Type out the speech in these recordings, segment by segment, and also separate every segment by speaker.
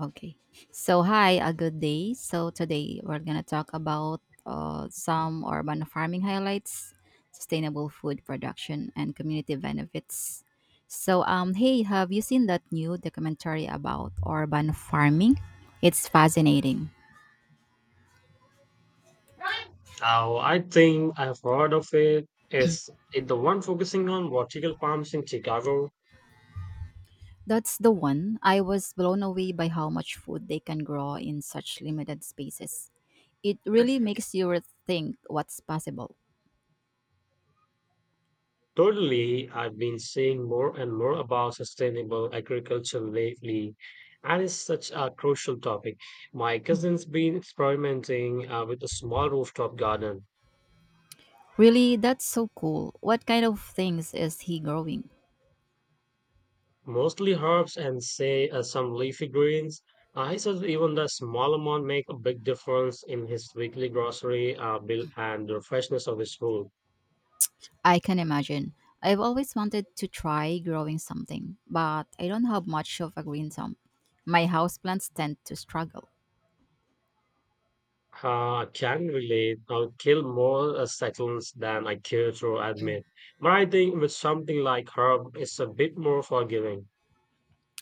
Speaker 1: Okay. So, hi, a good day. So, today we're going to talk about some urban farming highlights, sustainable food production, and community benefits. So, hey, have you seen that new documentary about urban farming? It's fascinating.
Speaker 2: Now, I think I've heard of it. Is it the one focusing on vertical farms in Chicago?
Speaker 1: That's the one. I was blown away by how much food they can grow in such limited spaces. It really makes you rethink what's possible.
Speaker 2: Totally, I've been seeing more and more about sustainable agriculture lately, and it's such a crucial topic. My cousin's been experimenting with a small rooftop garden,
Speaker 1: Really, that's so cool. What kind of things is he growing?
Speaker 2: mostly herbs and say some leafy greens. He says even the small amount make a big difference in his weekly grocery bill and the freshness of his food.
Speaker 1: I can imagine. I've always wanted to try growing something, but I don't have much of a green thumb. My houseplants tend to struggle.
Speaker 2: Can relate. I'll kill more seconds than I care to admit. But I think with something like herb, it's a bit more forgiving.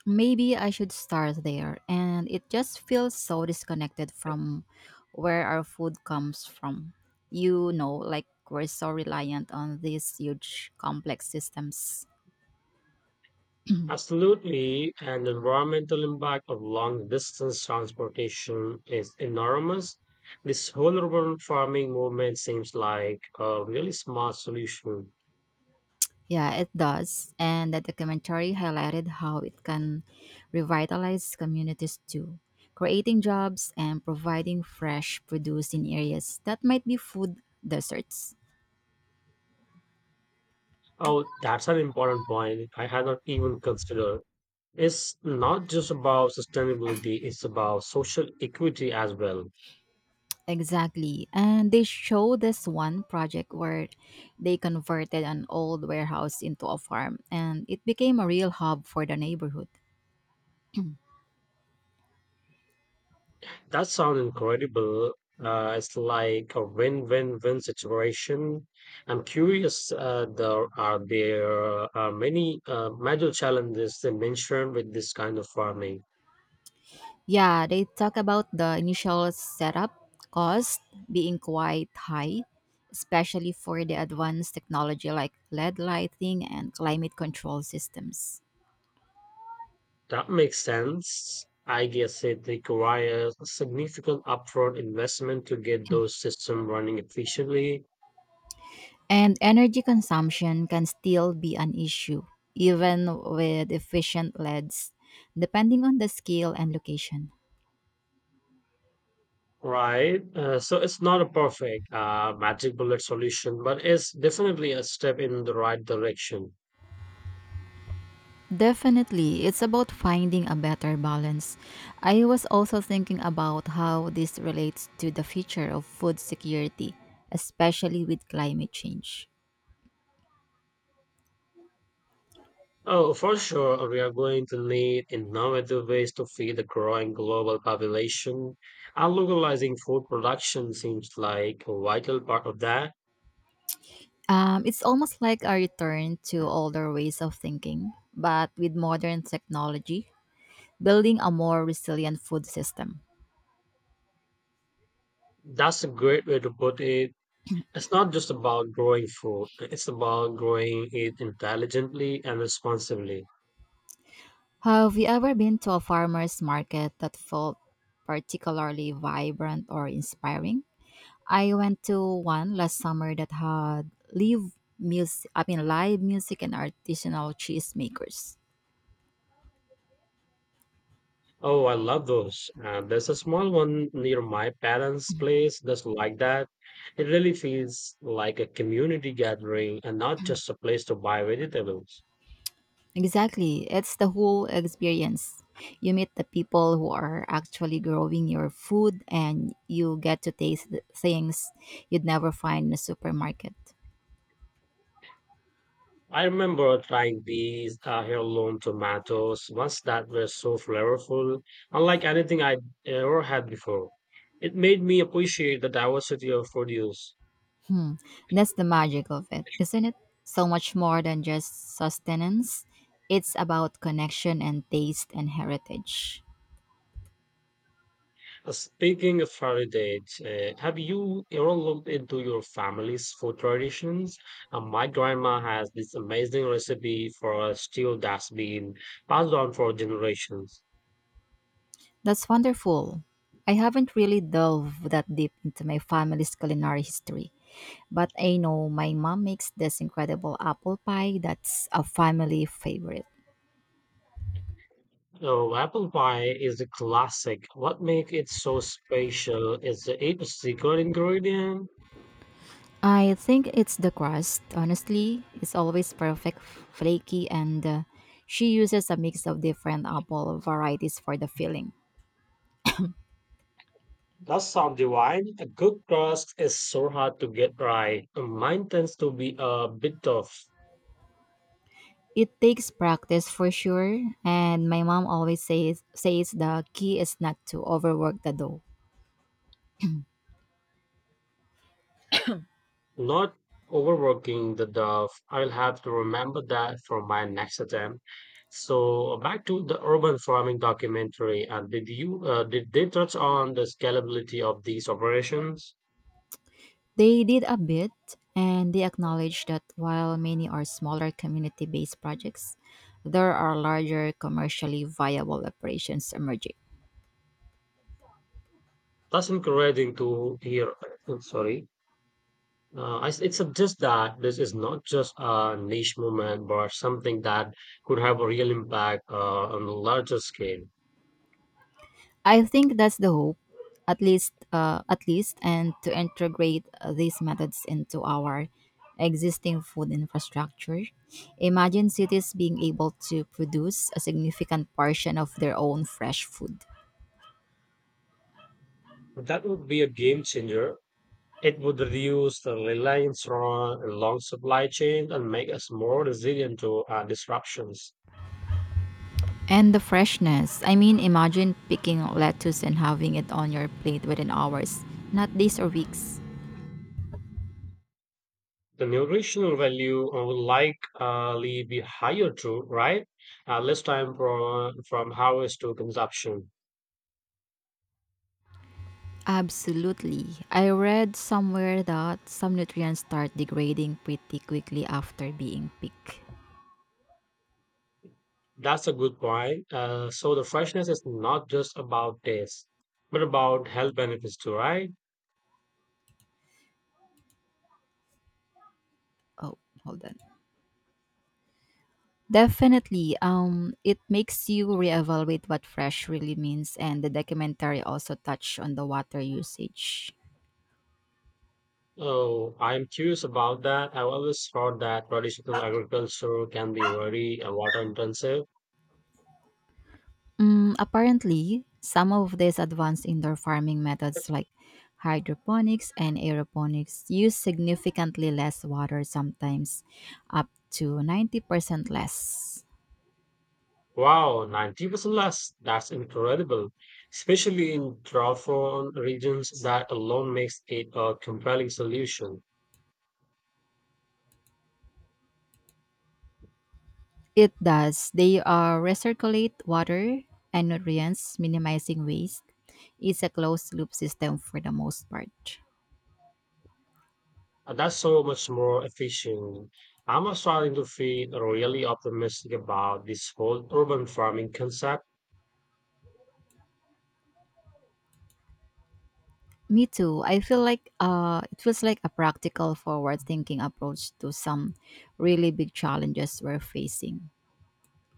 Speaker 1: Maybe I should start there, and it just feels so disconnected from where our food comes from. You know, like we're so reliant on these huge complex systems.
Speaker 2: Absolutely, and the environmental impact of long distance transportation is enormous. This whole urban farming movement seems like a really smart solution.
Speaker 1: Yeah, it does. And the documentary highlighted how it can revitalize communities too, creating jobs and providing fresh produce in areas that might be food deserts.
Speaker 2: Oh, that's an important point I had not even considered. It's not just about sustainability, it's about social equity as well.
Speaker 1: Exactly. And they show this one project where they converted an old warehouse into a farm and it became a real hub for the neighborhood.
Speaker 2: That sounds incredible. It's like a win-win-win situation. I'm curious. There are many major challenges they mention with this kind of farming.
Speaker 1: Yeah, they talk about the initial setup cost being quite high, especially for the advanced technology like LED lighting and climate control systems.
Speaker 2: That makes sense. I guess it requires significant upfront investment to get those systems running efficiently,
Speaker 1: And energy consumption can still be an issue, even with efficient LEDs, depending on the scale and location.
Speaker 2: right? So it's not a perfect magic bullet solution, but it's definitely a step in the right direction.
Speaker 1: Definitely, it's about finding a better balance. I was also thinking about how this relates to the future of food security, especially with climate change.
Speaker 2: Oh, for sure, we are going to need innovative ways to feed the growing global population, and localizing food production seems like a vital part of that.
Speaker 1: It's almost like a return to older ways of thinking, but with modern technology, building a more resilient food system.
Speaker 2: That's a great way to put it. It's not just about growing food, it's about growing it intelligently and responsibly.
Speaker 1: Have you ever been to a farmer's market that felt particularly vibrant or inspiring? I went to one last summer that had live music. I mean, live music and artisanal cheese makers.
Speaker 2: Oh, I love those. There's a small one near my parents' place that's like that. It really feels like a community gathering and not just a place to buy vegetables.
Speaker 1: Exactly, it's the whole experience. You meet the people who are actually growing your food, and you get to taste the things you'd never find in a supermarket.
Speaker 2: I remember trying these heirloom tomatoes once that were so flavorful, unlike anything I'd ever had before. It made me appreciate the diversity of produce.
Speaker 1: Hmm, that's the magic of it, isn't it? So much more than just sustenance. It's about connection and taste and heritage.
Speaker 2: Speaking of heritage, have you ever looked into your family's food traditions? My grandma has this amazing recipe for a stewed that's been passed on for generations.
Speaker 1: That's wonderful. I haven't really delved that deep into my family's culinary history, but I know my mom makes this incredible apple pie that's a family favorite.
Speaker 2: So apple pie is a classic. What makes it so special is the eight secret ingredient.
Speaker 1: I think it's the crust, honestly. It's always perfect, flaky, and she uses a mix of different apple varieties for the filling.
Speaker 2: That sounds divine. A good crust is so hard to get right. Mine tends to be a bit tough.
Speaker 1: It takes practice for sure, and my mom always says the key is not to overwork the dough.
Speaker 2: Not overworking the dough. I'll have to remember that for my next attempt. So back to the urban farming documentary. And did you did they touch on the scalability of these operations?
Speaker 1: They did a bit, and they acknowledged that while many are smaller community based projects, there are larger commercially viable operations emerging.
Speaker 2: That's encouraging to hear. Sorry. It suggests that this is not just a niche movement, but something that could have a real impact on a larger scale.
Speaker 1: I think that's the hope, at least, and to integrate these methods into our existing food infrastructure. Imagine cities being able to produce a significant portion of their own fresh food.
Speaker 2: That would be a game changer. It would reduce the reliance on long supply chains and make us more resilient to disruptions.
Speaker 1: And the freshness. I mean, imagine picking lettuce and having it on your plate within hours, not days or weeks.
Speaker 2: The nutritional value will likely be higher too, right? Less time from harvest to consumption.
Speaker 1: Absolutely. I read somewhere that some nutrients start degrading pretty quickly after being picked.
Speaker 2: That's a good point. So the freshness is not just about taste, but about health benefits too, right?
Speaker 1: Oh, hold on. Definitely. It makes you reevaluate what fresh really means, and the documentary also touched on the water usage.
Speaker 2: Oh, I'm curious about that. I've always thought that traditional agriculture can be very water intensive.
Speaker 1: Mm, apparently, some of these advanced indoor farming methods like hydroponics and aeroponics use significantly less water, sometimes up to 90% less.
Speaker 2: Wow, 90% less. That's incredible. Especially in drought-prone regions, that alone makes it a compelling solution.
Speaker 1: It does. They recirculate water and nutrients, minimizing waste. It's a closed loop system for the most part.
Speaker 2: And that's so much more efficient. I'm starting to feel really optimistic about this whole urban farming concept.
Speaker 1: Me too. I feel like it feels like a practical, forward thinking approach to some really big challenges we're facing.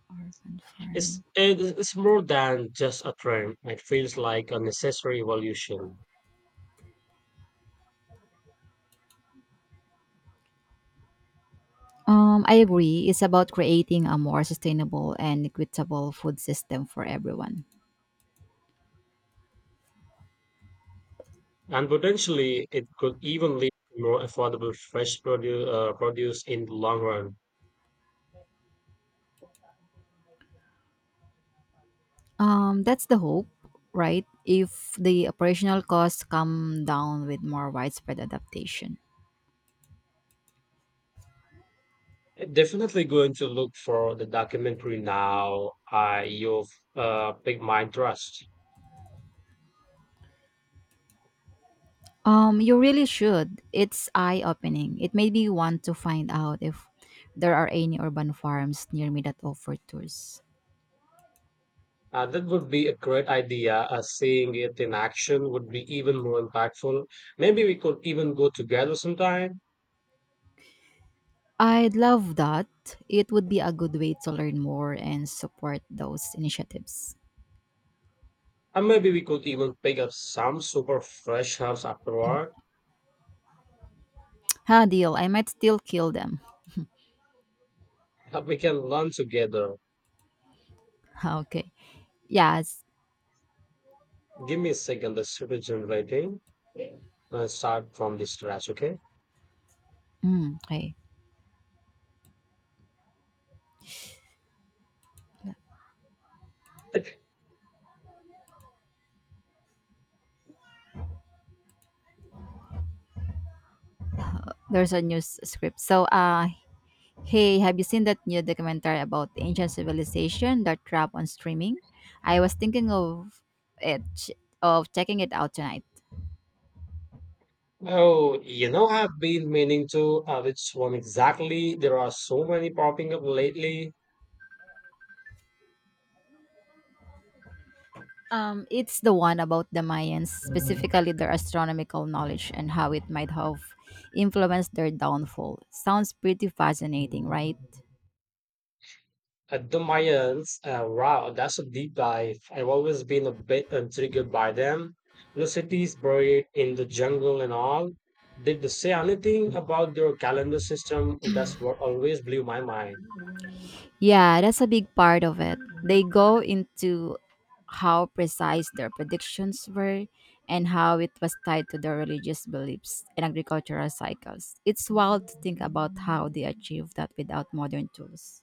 Speaker 1: Urban farming.
Speaker 2: It's more than just a trend. It feels like a necessary evolution.
Speaker 1: I agree. It's about creating a more sustainable and equitable food system for everyone.
Speaker 2: And potentially, it could even lead to more affordable fresh produce in the long run.
Speaker 1: That's the hope, right? If the operational costs come down with more widespread adaptation.
Speaker 2: Definitely going to look for the documentary now. I you've picked my trust.
Speaker 1: You really should. It's eye opening. It made me want to find out if there are any urban farms near me that offer tours.
Speaker 2: That would be a great idea. Seeing it in action would be even more impactful. Maybe we could even go together sometime.
Speaker 1: I'd love that. It would be a good way to learn more and support those initiatives.
Speaker 2: And maybe we could even pick up some super fresh herbs afterward.
Speaker 1: Ha, deal. I might still kill them.
Speaker 2: We can learn together.
Speaker 1: Okay. Yes.
Speaker 2: Give me a second, the super generating. Let's start from this scratch, okay?
Speaker 1: Mm, okay. Yeah. There's a news script. So, hey, have you seen that new documentary about the ancient civilization that dropped on streaming? I was thinking of it of checking it out tonight.
Speaker 2: Oh, you know, I've been meaning to. Which one exactly? There are so many popping up lately.
Speaker 1: It's the one about the Mayans, specifically their astronomical knowledge and how it might have influenced their downfall. Sounds pretty fascinating, right?
Speaker 2: At the Mayans, wow, that's a deep dive. I've always been a bit intrigued by them. The cities buried in the jungle and all. Did they say anything about their calendar system? That's what always blew my mind.
Speaker 1: Yeah, that's a big part of it. They go into how precise their predictions were and how it was tied to their religious beliefs and agricultural cycles. It's wild to think about how they achieved that without modern tools.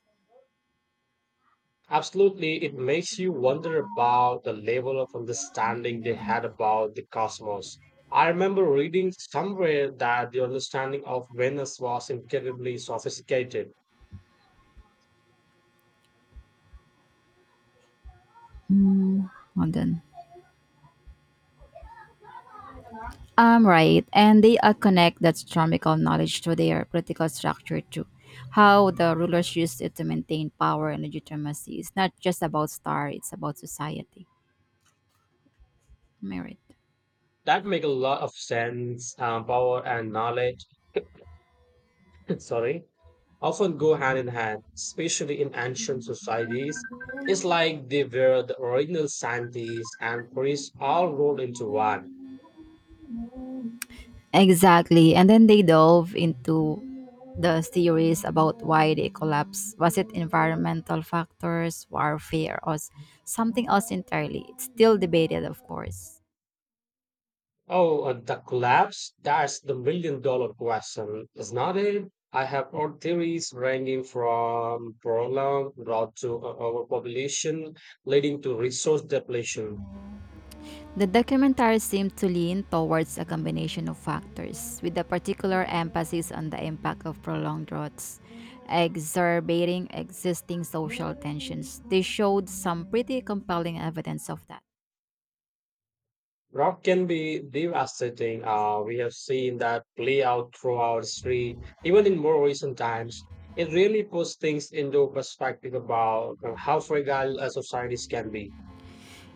Speaker 2: Absolutely, it makes you wonder about the level of understanding they had about the cosmos. I remember reading somewhere that the understanding of Venus was incredibly sophisticated.
Speaker 1: Mm, London. Right. And they connect that astronomical knowledge to their political structure too. How the rulers used it to maintain power and legitimacy. It's not just about star, it's about society. Merit.
Speaker 2: That make a lot of sense. Power and knowledge, sorry, often go hand in hand, especially in ancient societies. It's like they were the original scientists and priests all rolled into one.
Speaker 1: Exactly. And then they dove into the theories about why they collapse. Was it environmental factors, warfare, or something else entirely? It's still debated, of course.
Speaker 2: Oh, the collapse? That's the million dollar question, isn't it? I have heard theories ranging from prolonged drought to overpopulation, leading to resource depletion.
Speaker 1: The documentary seemed to lean towards a combination of factors, with a particular emphasis on the impact of prolonged droughts, exacerbating existing social tensions. They showed some pretty compelling evidence of that.
Speaker 2: Drought can be devastating. We have seen that play out throughout history, even in more recent times. It really puts things into perspective about how fragile societies can be.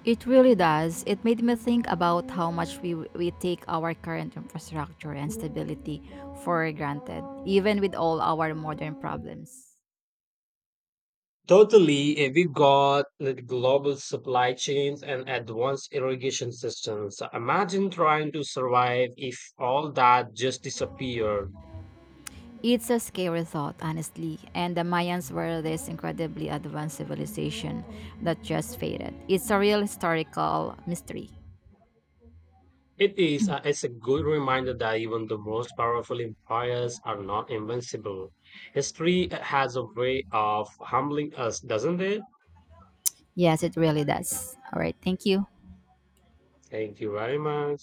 Speaker 1: It really does. It made me think about how much we take our current infrastructure and stability for granted, even with all our modern problems.
Speaker 2: Totally, if we got the global supply chains and advanced irrigation systems, imagine trying to survive if all that just disappeared.
Speaker 1: It's a scary thought, honestly, and the Mayans were this incredibly advanced civilization that just faded. It's a real historical mystery.
Speaker 2: It's a good reminder that even the most powerful empires are not invincible. History has a way of humbling us, doesn't it?
Speaker 1: Yes, it really does. All right, thank you.
Speaker 2: Thank you very much.